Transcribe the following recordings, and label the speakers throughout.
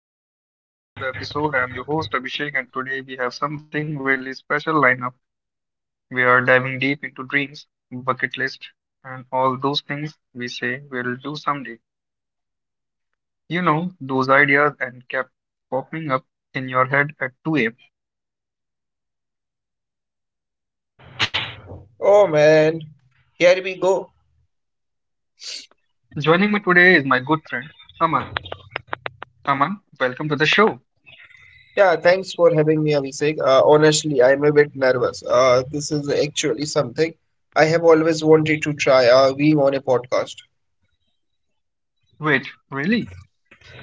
Speaker 1: Hey everyone, welcome back to another episode. I'm your host Abhishek, and today we have something really special lineup. We are diving deep into dreams, bucket list, and all those things we say we'll do someday. Those ideas and kept popping up in your head at 2 a.m.
Speaker 2: Oh man, here we go.
Speaker 1: Joining me today is my good friend Aman. Aman, welcome to the show.
Speaker 2: Yeah, thanks for having me, Abhishek. Honestly, I'm a bit nervous. This is actually something I have always wanted to try, being on a podcast.
Speaker 1: Wait, really?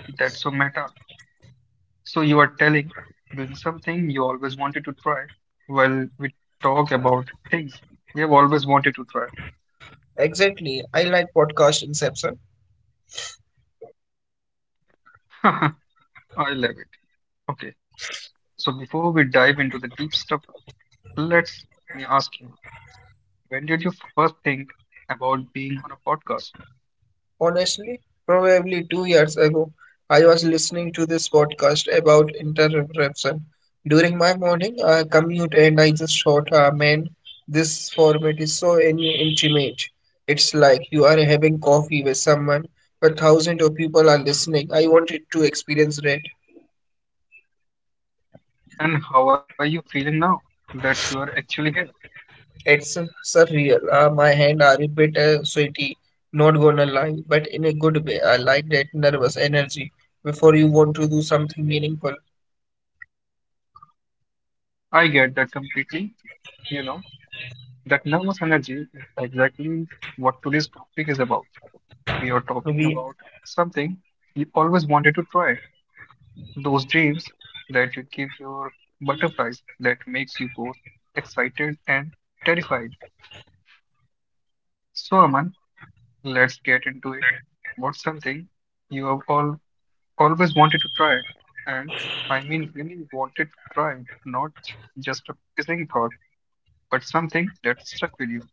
Speaker 1: That's so meta. So you are telling doing something you always wanted to try while we talk about things we have always wanted to try.
Speaker 2: Exactly. I like podcast inception.
Speaker 1: I love it. Okay, so before we dive into the deep stuff, let's me ask you, when did you first think about being on a podcast,
Speaker 2: Honestly, probably 2 years ago, I was listening to this podcast about interruption during my morning commute, and I just thought, man, this format is so intimate. It's like you are having coffee with someone, but thousands of people are listening. I wanted to experience that.
Speaker 1: and how are you feeling now that you are actually here?
Speaker 2: It's surreal. My hand are a bit sweaty, not gonna lie, but in a good way. I like that nervous energy before you want to do something meaningful.
Speaker 1: I get that completely. You know, that nervous energy is exactly what today's topic is about. We are talking
Speaker 2: We
Speaker 1: about something you always wanted to try, those dreams that you give your butterflies that makes you both excited and terrified. So, Aman, let's get into it. What's something you have all always wanted to try? And I mean really wanted to try, not just a passing thought, but something that stuck with you.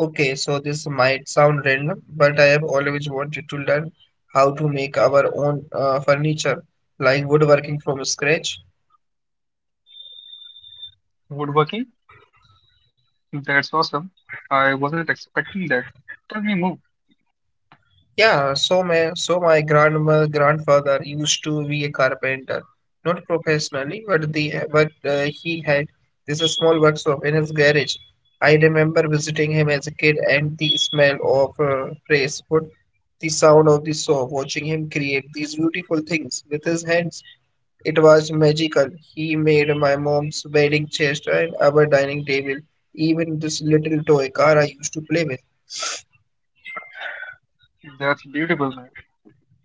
Speaker 2: Okay, so this might sound random, but I have always wanted to learn how to make our own furniture, like woodworking from scratch.
Speaker 1: Woodworking? That's awesome. I wasn't expecting that. Tell me more.
Speaker 2: Yeah, so my so my grandma grandfather used to be a carpenter, not professionally, but he had this small workshop in his garage. I remember visiting him as a kid, and the smell of fresh wood, the sound of the saw, watching him create these beautiful things with his hands. It was magical. He made my mom's wedding chest and our dining table, even this little toy car I used to play with.
Speaker 1: That's beautiful, man.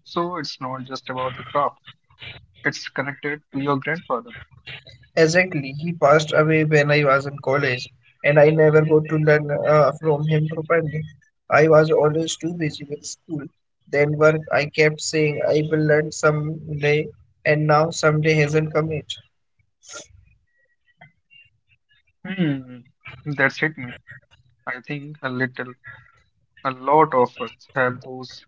Speaker 1: So it's not just about the craft. It's connected to your grandfather.
Speaker 2: Exactly, he passed away when I was in college, and I never got to learn from him properly. I was always too busy with school, then work. I kept saying I will learn someday, and now someday hasn't come yet.
Speaker 1: Hmm. That's hit me. I think a lot of us have those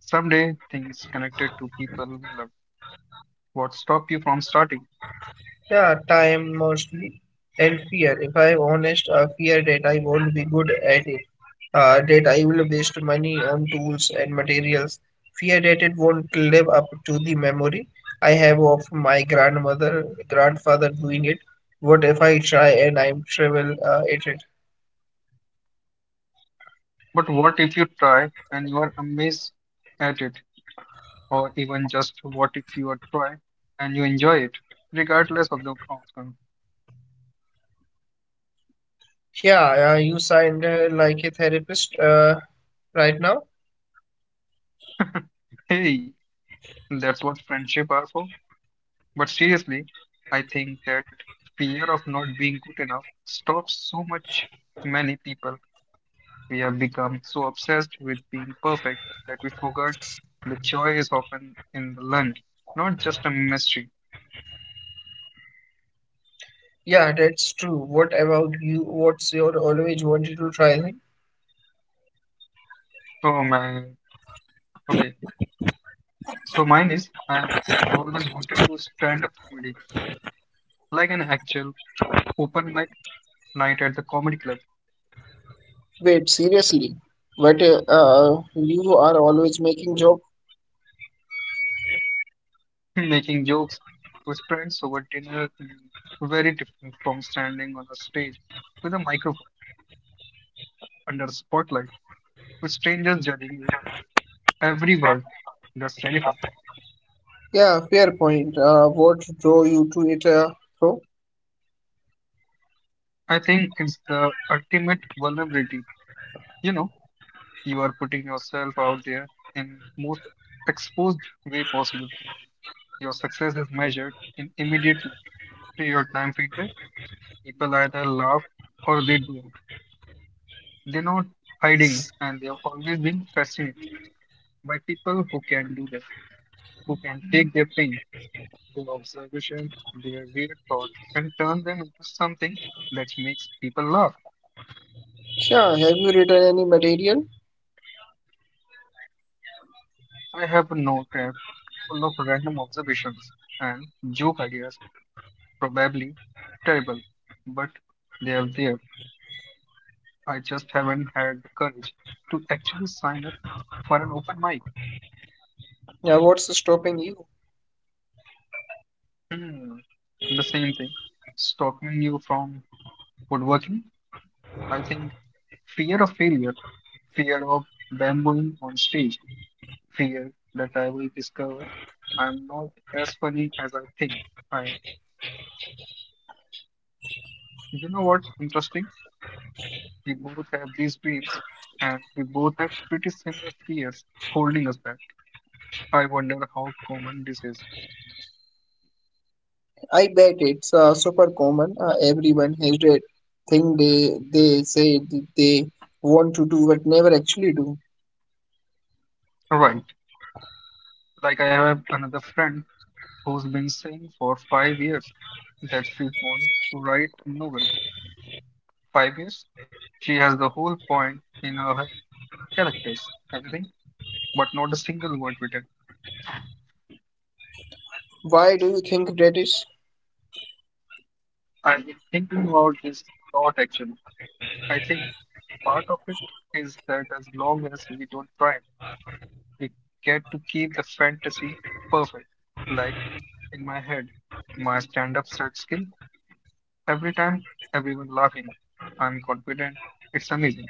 Speaker 1: someday things connected to people we love. What stop you from starting?
Speaker 2: Yeah, time mostly and fear. If I'm honest, I fear that I won't be good at it, that I will waste money on tools and materials, fear that it won't live up to the memory I have of my grandfather doing it. What if I try and I'm terrible at it?
Speaker 1: But what if you try and you are amazed at it? Or even just what if you are try and you enjoy it, regardless of the outcome?
Speaker 2: Yeah, you sound like a therapist right now.
Speaker 1: Hey, that's what friendship are for. But seriously, I think that fear of not being good enough stops so much many people. We have become so obsessed with being perfect that we forgot the joy is often in the learning, not just a mystery.
Speaker 2: Yeah, that's true. What about you? What's your always wanted to try thing?
Speaker 1: Oh man. Okay. So mine is I have comedy, like an actual night at the comedy club,
Speaker 2: Wait, seriously? But you are always making joke.
Speaker 1: making jokes with friends over dinner, very different from standing on a stage with a microphone under a spotlight with strangers judging you every word. That's terrifying.
Speaker 2: Yeah, fair point. What drove you to it, bro?
Speaker 1: I think it's the ultimate vulnerability. You know, you are putting yourself out there in most exposed way possible. Your success is measured in immediately to your time feedback. People either laugh or they do. They're not hiding, and they have always been fascinated by people who can do that, who can take their pain, observation, their weird thoughts, and turn them into something people love.
Speaker 2: Yeah, have you written any material?
Speaker 1: I have a note app full of random observations and joke ideas, probably terrible, but they are there. I just haven't had the courage to actually sign up for an open mic.
Speaker 2: Yeah, what's stopping you?
Speaker 1: Hmm. The same stopping you from woodworking. I think fear of failure, fear of bambooing on stage, fear that I will discover I'm not as funny as I think I am. You know what? Interesting. We both have these dreams, and we both have pretty similar fears holding us. I wonder how common this is.
Speaker 2: I bet it's super common. Everyone has that thing they say that they want to do but never actually do.
Speaker 1: Right. Like I have another friend who's been saying for 5 years that she wants to write a novel. 5 years? She has the whole point in her head, character, everything, but not a single word.
Speaker 2: Why do you think that is?
Speaker 1: I've been thinking about this a lot actually. I think part of it is that as long as we don't try, we get to keep the fantasy perfect. Like in my head, my stand up set skill, every time everyone laughing, I'm confident, it's amazing.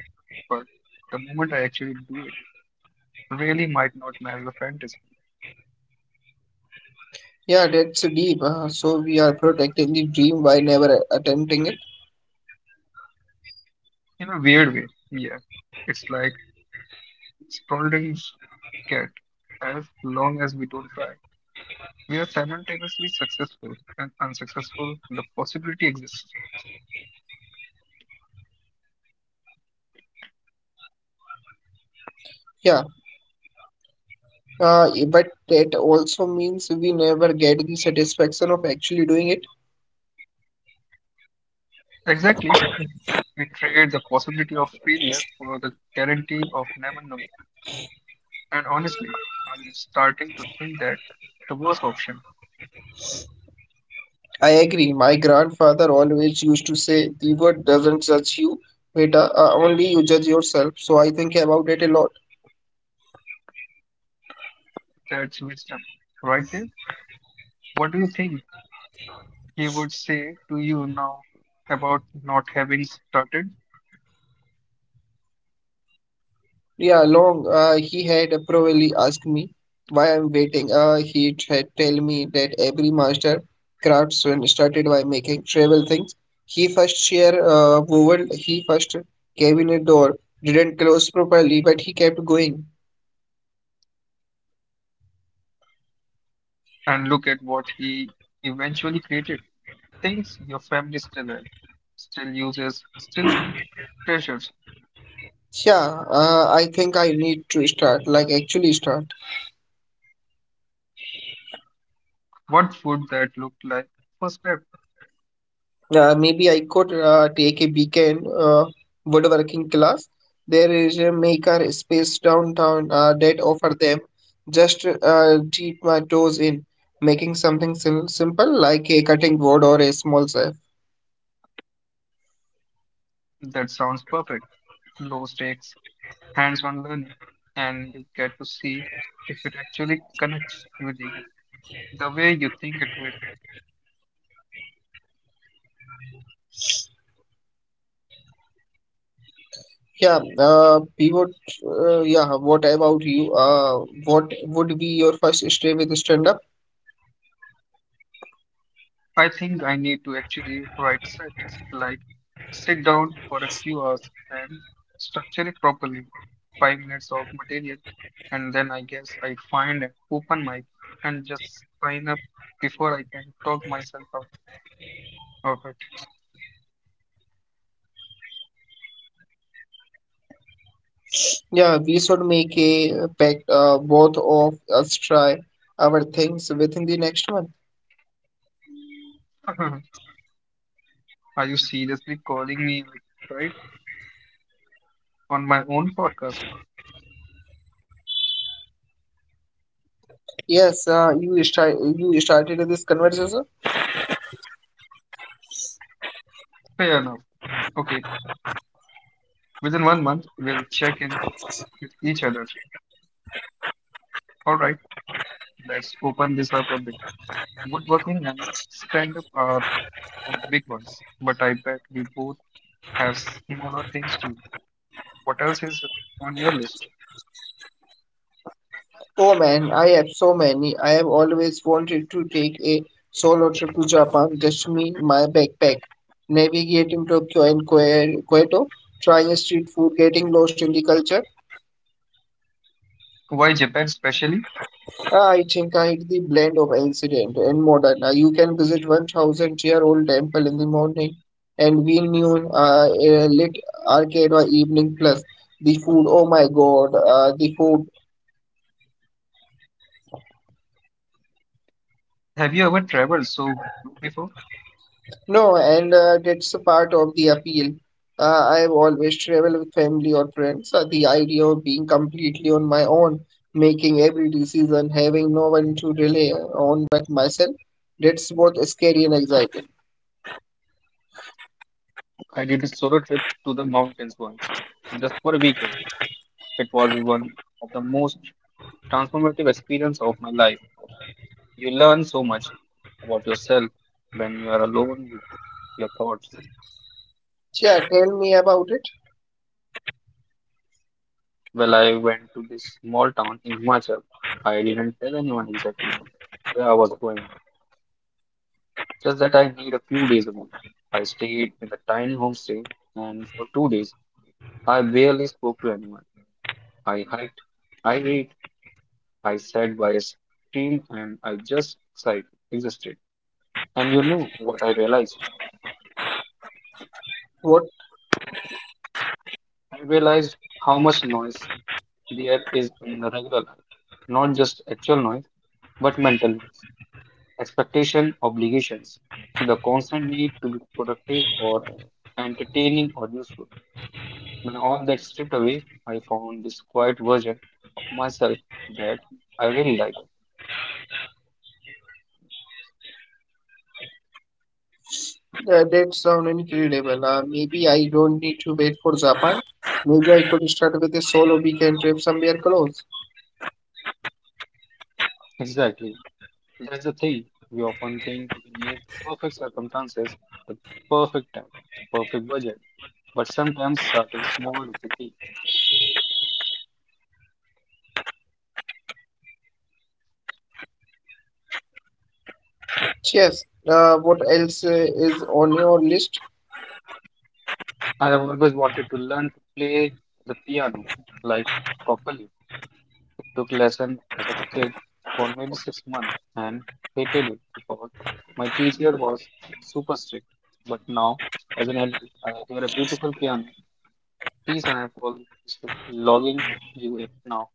Speaker 1: But the moment I actually do it, really might not match the fantasy
Speaker 2: Yeah, that's deep. So we are protecting the dream by never attempting it.
Speaker 1: in a weird way. Yeah, it's like Spalding's cat. As long as we don't try, we are simultaneously successful and unsuccessful. The possibility exists.
Speaker 2: Yeah, but that also means we never get the satisfaction of actually doing it.
Speaker 1: Exactly. We trade the possibility of failure for the guarantee of never knowing. And honestly, starting to think that the worst option,
Speaker 2: I agree. My grandfather always used to say, the world doesn't judge you, but only you judge yourself. So I think about it a lot.
Speaker 1: that's wisdom. Right there. What do you think he would say to you now about not having started?
Speaker 2: Yeah, long he had probably asked me why I'm waiting. He had tell me that every master craftsman started by making travel things. He first share woven, he first cabinet door, didn't close properly, but he kept going.
Speaker 1: And look at what he eventually created. Things your family still has, still uses, still treasures.
Speaker 2: Yeah, I think I need to start, like actually start.
Speaker 1: What would that look like? First step.
Speaker 2: Maybe I could take a weekend woodworking class. There is a maker space downtown that offer them. Just dip my toes in, making something simple like a cutting board or a small safe.
Speaker 1: That sounds perfect. Low stakes, hands-on learning, and you get to see actually connects with you the way you think it will.
Speaker 2: Yeah, pivot. Yeah, what about you? What would be your first step with stand-up?
Speaker 1: I think I need to actually write a slide, sit down for a few hours and structure it properly. 5 minutes of material, and then I guess I find an open mic and just sign up before I can talk myself out of
Speaker 2: Yeah, we should make a pact. Both of us try our things within the next month.
Speaker 1: it. Are you seriously calling me out, right? On my own podcast?
Speaker 2: Yes, you start. You started this conversation.
Speaker 1: Fair enough. Okay, within one month, we'll check in each other. All right, right. Let's open this up a bit. Working and stand up are, but I bet we both have things to do. What else is on your list?
Speaker 2: Oh man, I have so many. I have always wanted to take a solo trip to Japan. Just me, my backpack, navigating Tokyo and Kyoto, trying street food, getting lost in the culture.
Speaker 1: Why Japan specially?
Speaker 2: I think I hit the blend of ancient and modern. You can visit 1000 year old temple in the morning and we noon a lit arcade or evening plus the food. Oh my God, the food.
Speaker 1: Have you ever traveled so before?
Speaker 2: No, and that's a part of the appeal. I have always traveled with family or friends. The idea of being completely on my own, making every decision, having no one to rely on but myself, that's both scary and exciting.
Speaker 1: I did a solo trip to the mountains once, just for a weekend. It was one of the most transformative experience of my life. You learn so much about yourself when you are alone with your thoughts.
Speaker 2: Yeah, tell me about it.
Speaker 1: Well, I went to this small town in Himachal. I didn't tell anyone exactly where I was going. Just that I need a few days alone. I stayed in a tiny homestay, and for 2 days, I barely spoke to anyone. I hiked, I read, I sat by a stream, and I just existed. And you know what I realized?
Speaker 2: What.
Speaker 1: I realized how much noise there is in the regular life, not just actual noise, but mental noise, expectation, obligations, the constant need to be productive or entertaining or useful. And on that stripped away, I found this quiet version of myself that I really like.
Speaker 2: Yeah, that sound incredible. Maybe I don't need to wait for Japan. Maybe I could start with a solo weekend trip somewhere close.
Speaker 1: Exactly. That's the thing. We often think circumstances perfect time, perfect, but sometimes the key.
Speaker 2: Cheers. What else is on your list?
Speaker 1: I have always wanted to learn to play the piano. Took lesson as a for maybe 6 months. Hated it. My teacher was super strict. But now, as an adult, I hear a beautiful piano piece and I call this logging now.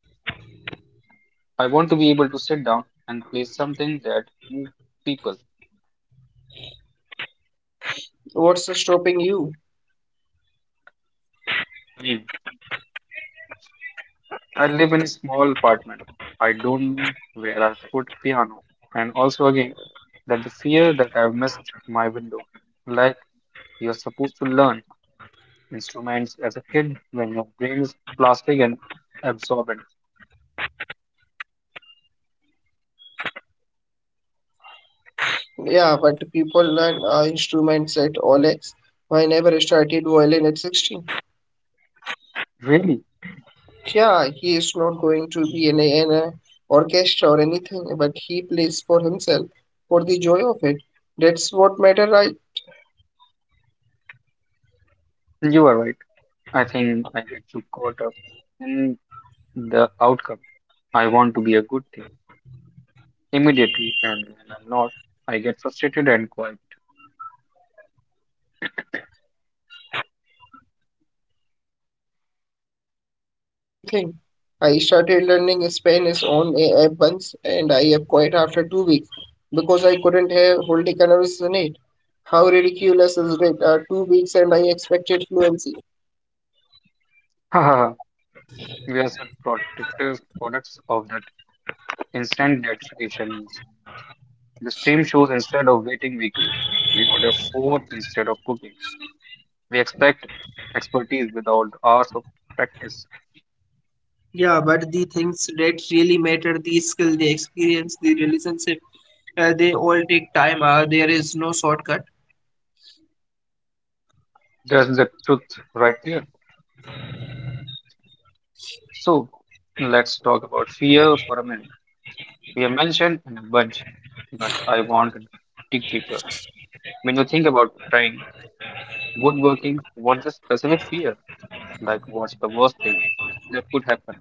Speaker 1: I want to be able to sit down and play something that moves people.
Speaker 2: What's stopping you?
Speaker 1: Mm. I live in a small apartment. I don't know where I'll put piano. And also again, that the fear that I've missed my window. Like you're supposed to learn instruments as a kid when your brain is plastic and absorbent.
Speaker 2: Yeah, but people learn instruments at Olex. I never started violin at 16.
Speaker 1: Really?
Speaker 2: Yeah, he is not going to be in a orchestra or anything, but he plays for himself for the joy of it. That's what matter, right?
Speaker 1: You are right. I think I get too caught up in the outcome. I want to be a good thing immediately, and when I'm not, I get frustrated and quiet.
Speaker 2: Yeah, I do same thing. I started learning Spanish on a app once and I have quit after 2 weeks because I couldn't have hold a conversation it. How ridiculous is it? Two weeks and I expected fluency.
Speaker 1: Yes, the protective products of that instant gratification the stream shows instead of waiting weekly. We order food instead of cooking. We expect expertise without hours of practice.
Speaker 2: Yeah, but the things that really matter, the skill, the experience, the relationship, they all take time. There is no shortcut.
Speaker 1: That's the truth right there. So let's talk about fear for a minute. We have mentioned in a bunch, but I want to dig deeper. When you think about trying woodworking, what's the specific fear? Like, what's the worst thing that could happen?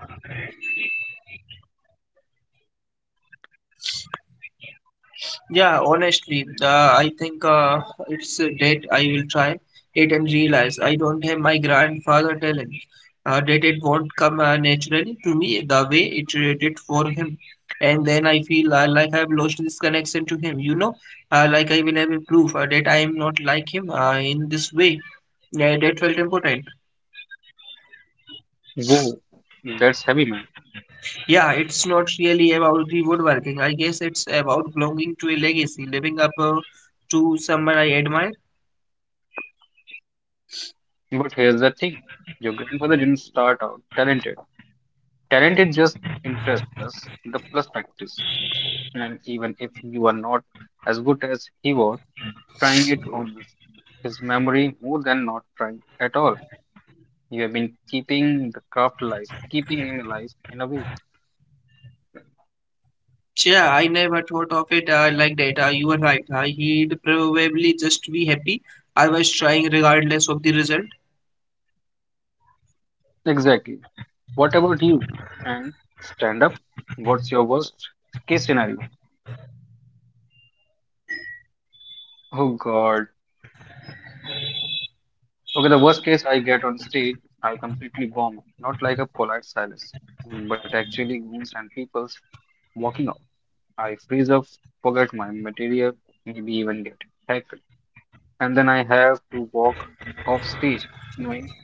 Speaker 2: Yeah, honestly, I think it's a date I will try it and realize I don't have my grandfather talent. That it won't come naturally to me the way it did for him. And then I feel like I've lost this connection to him, you know, like I will have a proof that I am not like him in this way. Yeah, that felt important.
Speaker 1: Whoa, that's heavy, man.
Speaker 2: Yeah, it's not really about the woodworking. I guess it's about belonging to a legacy, living up to someone I admire.
Speaker 1: But here's the thing your grandfather didn't start out talented. Talent is just interest, the plus practice. Even if you are not as good as he was, trying it is memory more than not trying at all. You have been keeping the craft alive, keeping him alive in a way.
Speaker 2: Yeah, I never thought of it like that. You are right. He'd probably just be happy I was trying regardless of the result.
Speaker 1: Exactly. What about you? And stand up? What's your worst case scenario? Oh God. Okay, the worst case I get on stage, I completely bomb. Not like a polite silence, but actually memes and people's walking out. I freeze up, forget my material, maybe even get hacked. And then I have to walk off stage, knowing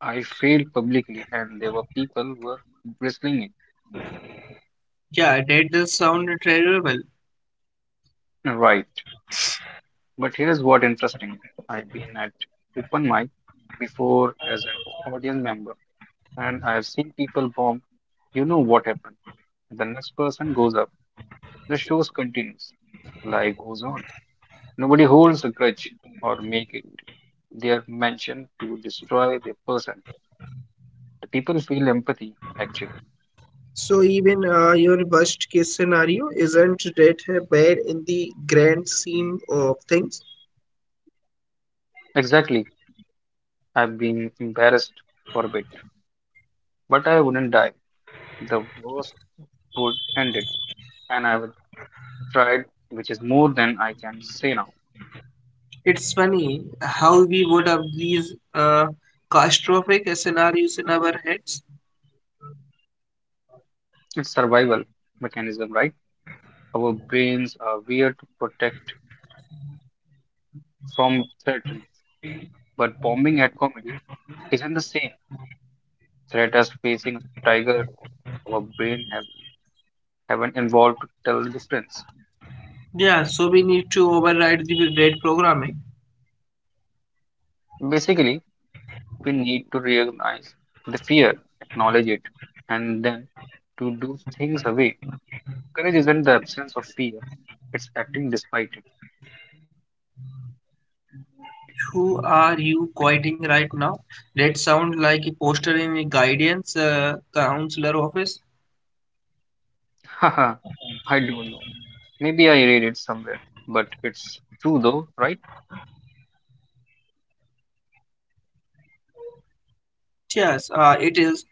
Speaker 1: I failed publicly and there were people were wrestling
Speaker 2: Yeah, that does sound terrible.
Speaker 1: it. Right. But here's what interesting. I've been at open mic before as an audience member, and I've seen people bomb. You know what happened. The next person goes up. The shows continues. Life goes on. Nobody holds a grudge or make it their mention to destroy their person. The people feel empathy, actually.
Speaker 2: So even your worst case scenario isn't that bad in the grand scheme of things.
Speaker 1: Exactly. I've been embarrassed for a bit, but I wouldn't die. The worst would end it, and I would try it, which is more than I can say now.
Speaker 2: It's funny how we would have these catastrophic scenarios in our heads.
Speaker 1: It's survival mechanism, right? Our brains are weird to protect from threat, but bombing at comedy isn't the same threat as facing a tiger. Our brain has Haven't evolved to tell the difference.
Speaker 2: Yeah, so we need to override the red programming.
Speaker 1: Basically, we need to recognize the fear, acknowledge it, and then to do things away. Courage isn't the absence of fear, it's acting despite it.
Speaker 2: Who are you quoting right now? That sounds like a poster in a guidance counselor office.
Speaker 1: Haha, I don't know. Maybe I read it somewhere, but it's true though, right?
Speaker 2: Yes, it is.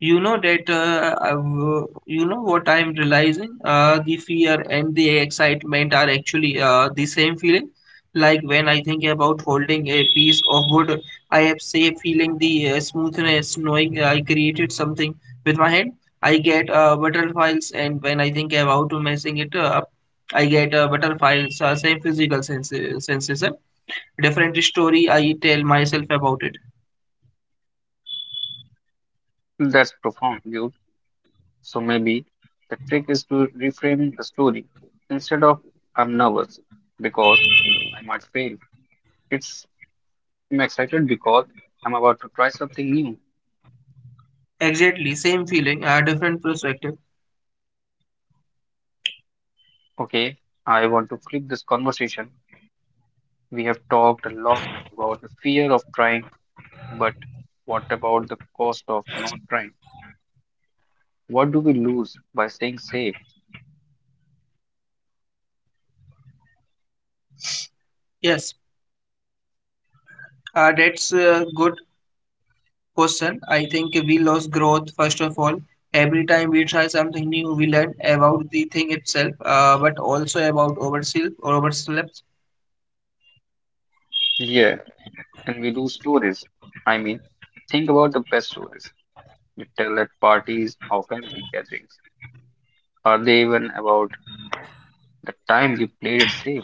Speaker 2: You know that you know what I'm realizing? The fear and the excitement are actually the same feeling. Like when I think about holding a piece of wood, I have say feeling the smoothness, knowing I created something with my hand. I get butterflies, and when I think about messing it up, I get butterflies. Same physical sensation, different story I tell myself about it.
Speaker 1: That's profound, dude. So maybe the trick is to reframe the story. Instead of I'm nervous because I failed, it's I'm excited because I'm about to try something new.
Speaker 2: Exactly, same feeling, a different perspective.
Speaker 1: Okay, I want to flip this conversation. We have talked a lot fear of trying, but what about the cost of not? What do we lose by staying safe?
Speaker 2: Yes, that's a good question. I think we lost growth first of all. Every time we try something new, we learn about the thing itself, but also about oversell or overslept.
Speaker 1: Yeah, and we lose stories. I mean, think about the best stories you tell at parties or family gatherings. Are they even about the time you played it safe?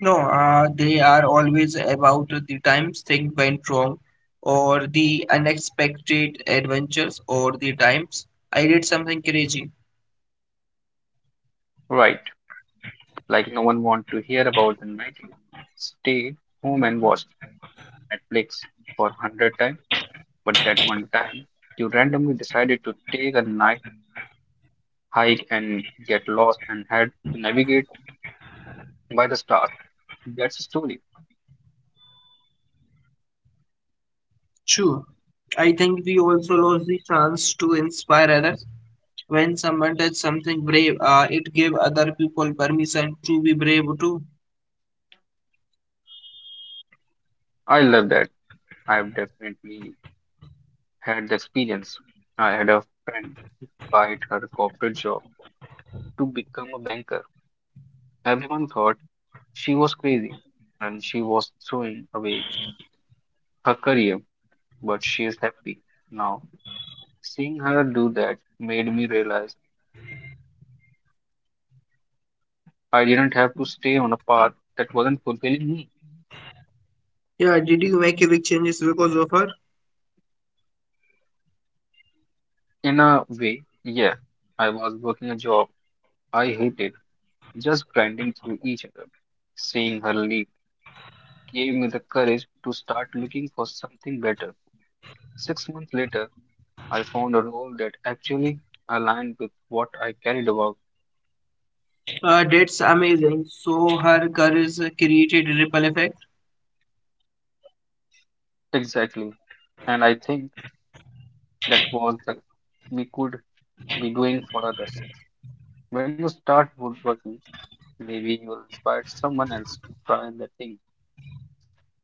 Speaker 2: No, they are always about the times things went wrong, or the unexpected adventures, or the times I did something crazy.
Speaker 1: Right, like no one want to hear about the stay home and watch Netflix for hundred times. That one time, you randomly decided to take a night. Hike and get lost and had to navigate by the stars. That's a story.
Speaker 2: True. I think we also lost the chance to inspire others. When someone does something brave, it gave other people permission to be brave too.
Speaker 1: I love that. I've definitely had the experience. I had a friend who quit her corporate job to become a banker. Everyone thought she was crazy and she was throwing away her career, but she is happy. Now, seeing her do that made me realize I didn't have to stay on a path that wasn't fulfilling me.
Speaker 2: Yeah, did you make a big changes because of her?
Speaker 1: In a way, yeah, I was working a job I hated just grinding through each other. Seeing her leave gave me the courage to start looking for something better. 6 months later, I found a role that actually aligned with what I cared about
Speaker 2: That's amazing. So her courage created a ripple effect.
Speaker 1: exactly, and I think that was the we could be doing for others. When you start woodworking, maybe you will inspire someone else to try the thing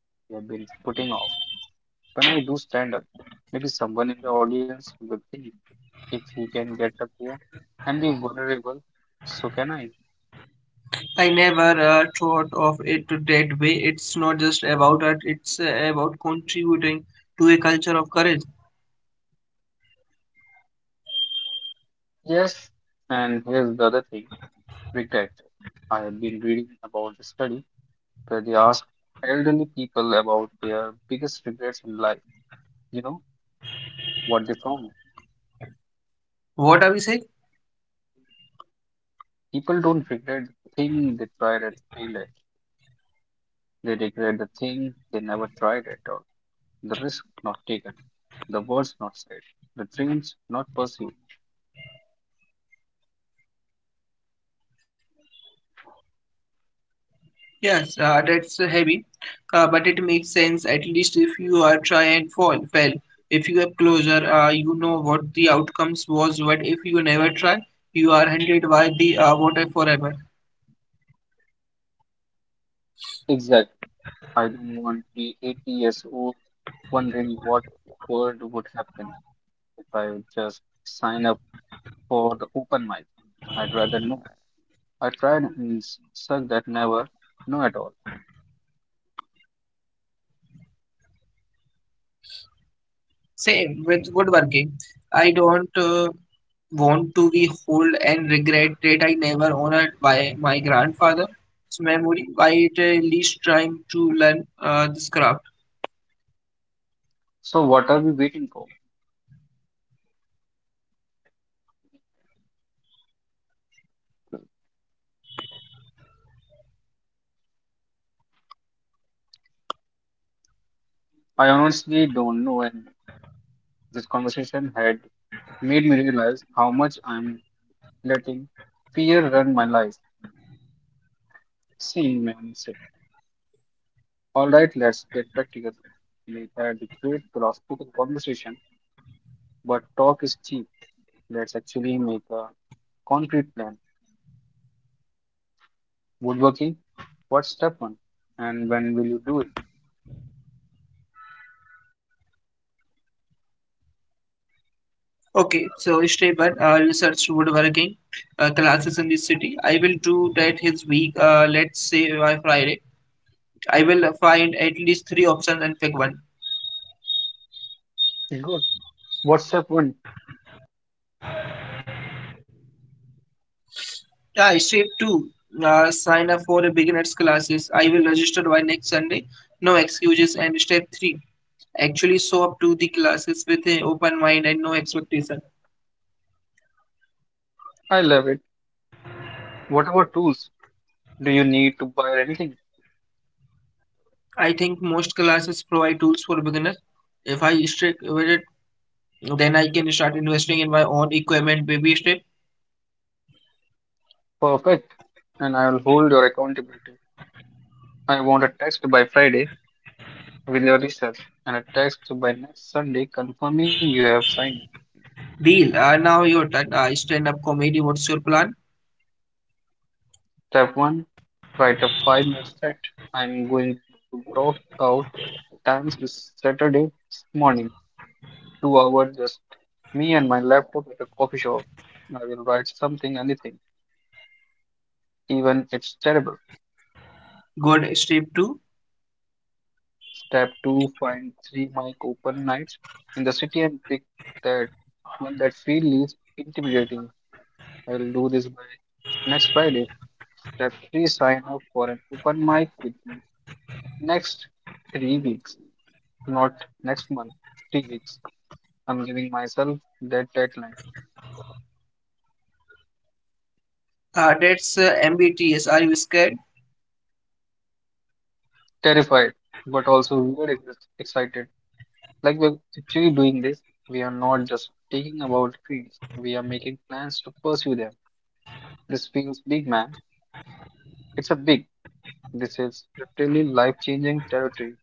Speaker 1: you have been putting off. When I do stand up, maybe someone in the audience will think if he can get up here and be vulnerable, so can I.
Speaker 2: I never thought of it that way. It's not just about art, it's about contributing to a culture of courage.
Speaker 1: Yes, and here's the other thing regret. I have been reading about a study where they asked elderly people about their biggest regrets in life. You know what the
Speaker 2: What are we saying?
Speaker 1: people don't regret the thing they tried and failed at. They regret the thing they never tried at all. The risk not taken, the words not said, the dreams not pursued.
Speaker 2: Yes, that's heavy, but it makes sense at least if you are try and fail. If you have closure, you know what the outcomes was. But if you never try, you are hunted by the water forever.
Speaker 1: Exactly. I don't want to be 80 years old wondering what world would happen if I would just sign up for the open mic. I'd rather know I tried and suck that never know at all.
Speaker 2: Same with woodworking. I don't want to be old and regret that I never honored by my grandfather's memory by at least trying to learn this craft.
Speaker 1: So what are we waiting for? I honestly don't know and this conversation had made me realize how much I'm letting fear run my life. Seeing man said, alright, let's get practical. We had a great philosophical conversation, but talk is cheap. Let's actually make a concrete plan. Woodworking, what's step one? And when will you do it?
Speaker 2: Okay, so yesterday, but research woodworking classes in this city. I will do that his week. Let's say by Friday, I will find at least three options and pick one.
Speaker 1: Good. What's step one?
Speaker 2: Yeah, step two. Sign up for the beginners classes. I will register by next Sunday. No excuses. And step three, actually show up to the classes with an open mind and no expectation.
Speaker 1: I love it. Whatever tools, do you need to buy anything?
Speaker 2: I think most classes provide tools for beginners. If I stick with it, then I can start investing in my own equipment. Baby step.
Speaker 1: Perfect. And I will hold your accountability. I want a text by Friday with your research and a text by next Sunday confirming you have signed.
Speaker 2: Deal. Now your turn. Stand up comedy. What's your plan?
Speaker 1: Step one, write a 5 minute set. I'm going to block out times this Saturday morning. 2 hours, just me and my laptop at a coffee shop. I will write something, anything, even it's terrible.
Speaker 2: Good strip two.
Speaker 1: Step two, find three mic open nights in the city and pick that one that feel least intimidating. I'll do this by next Friday. Step three, sign up for an open mic with me next 3 weeks, not next month, 3 weeks. I'm giving myself that deadline.
Speaker 2: That's MBTS. Are you scared?
Speaker 1: Terrified, but also weird excited. Like we're actually doing this, we are not just taking about dreams. We are making plans to pursue them. This feels big, man. It's a big. This is literally life-changing territory.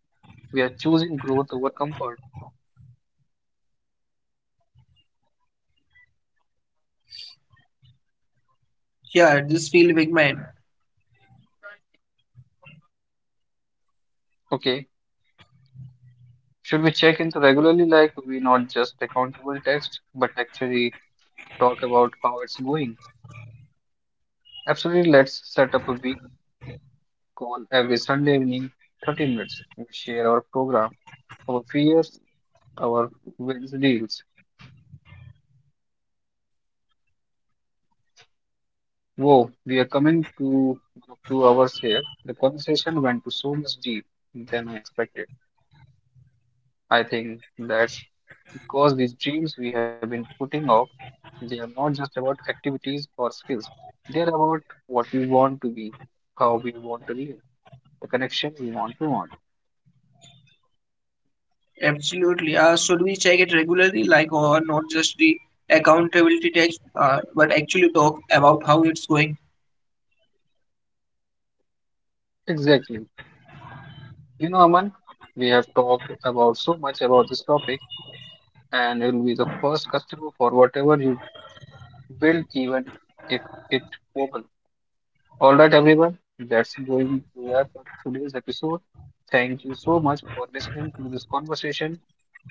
Speaker 1: We are choosing growth over comfort.
Speaker 2: Yeah, this feel big man.
Speaker 1: Okay, should we check into regularly like we not just accountable text, but actually talk about how it's going? Absolutely, let's set up a week call every Sunday evening, 30 minutes. We share our program, our fears, our wins deals. Whoa, we are coming to 2 hours here. The conversation went to so much deep than I expected. I think that's because these dreams we have been putting off, they are not just about activities or skills. They are about what we want to be, how we want to live, the connection we want to want.
Speaker 2: Absolutely. Should we check it regularly, like or not just the accountability test, but actually talk about how it's going?
Speaker 1: Exactly. You know, Aman, we have talked about so much about this topic, and it will be the first customer for whatever you build, even if it opens. All right, everyone, that's going to wrap up today's episode. Thank you so much for listening to this conversation.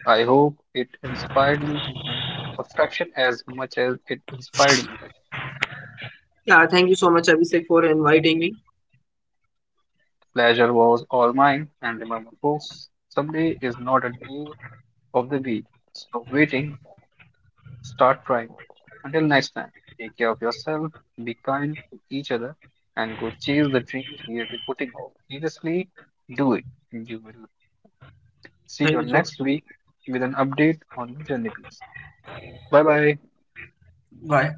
Speaker 1: I hope it inspired you even a fraction as much as it inspired me.
Speaker 2: Yeah. Thank you so much, Abhishek, for inviting me.
Speaker 1: Pleasure was all mine, and remember, folks, someday is not a day of the week. Stop waiting, start trying. Until next time, take care of yourself, be kind to each other, and go chase the dreams you have been putting off. Seriously, do it. You will see
Speaker 2: Thank
Speaker 1: your
Speaker 2: you so much.
Speaker 1: next with an update on Journey Peaks. Bye bye.
Speaker 2: Bye.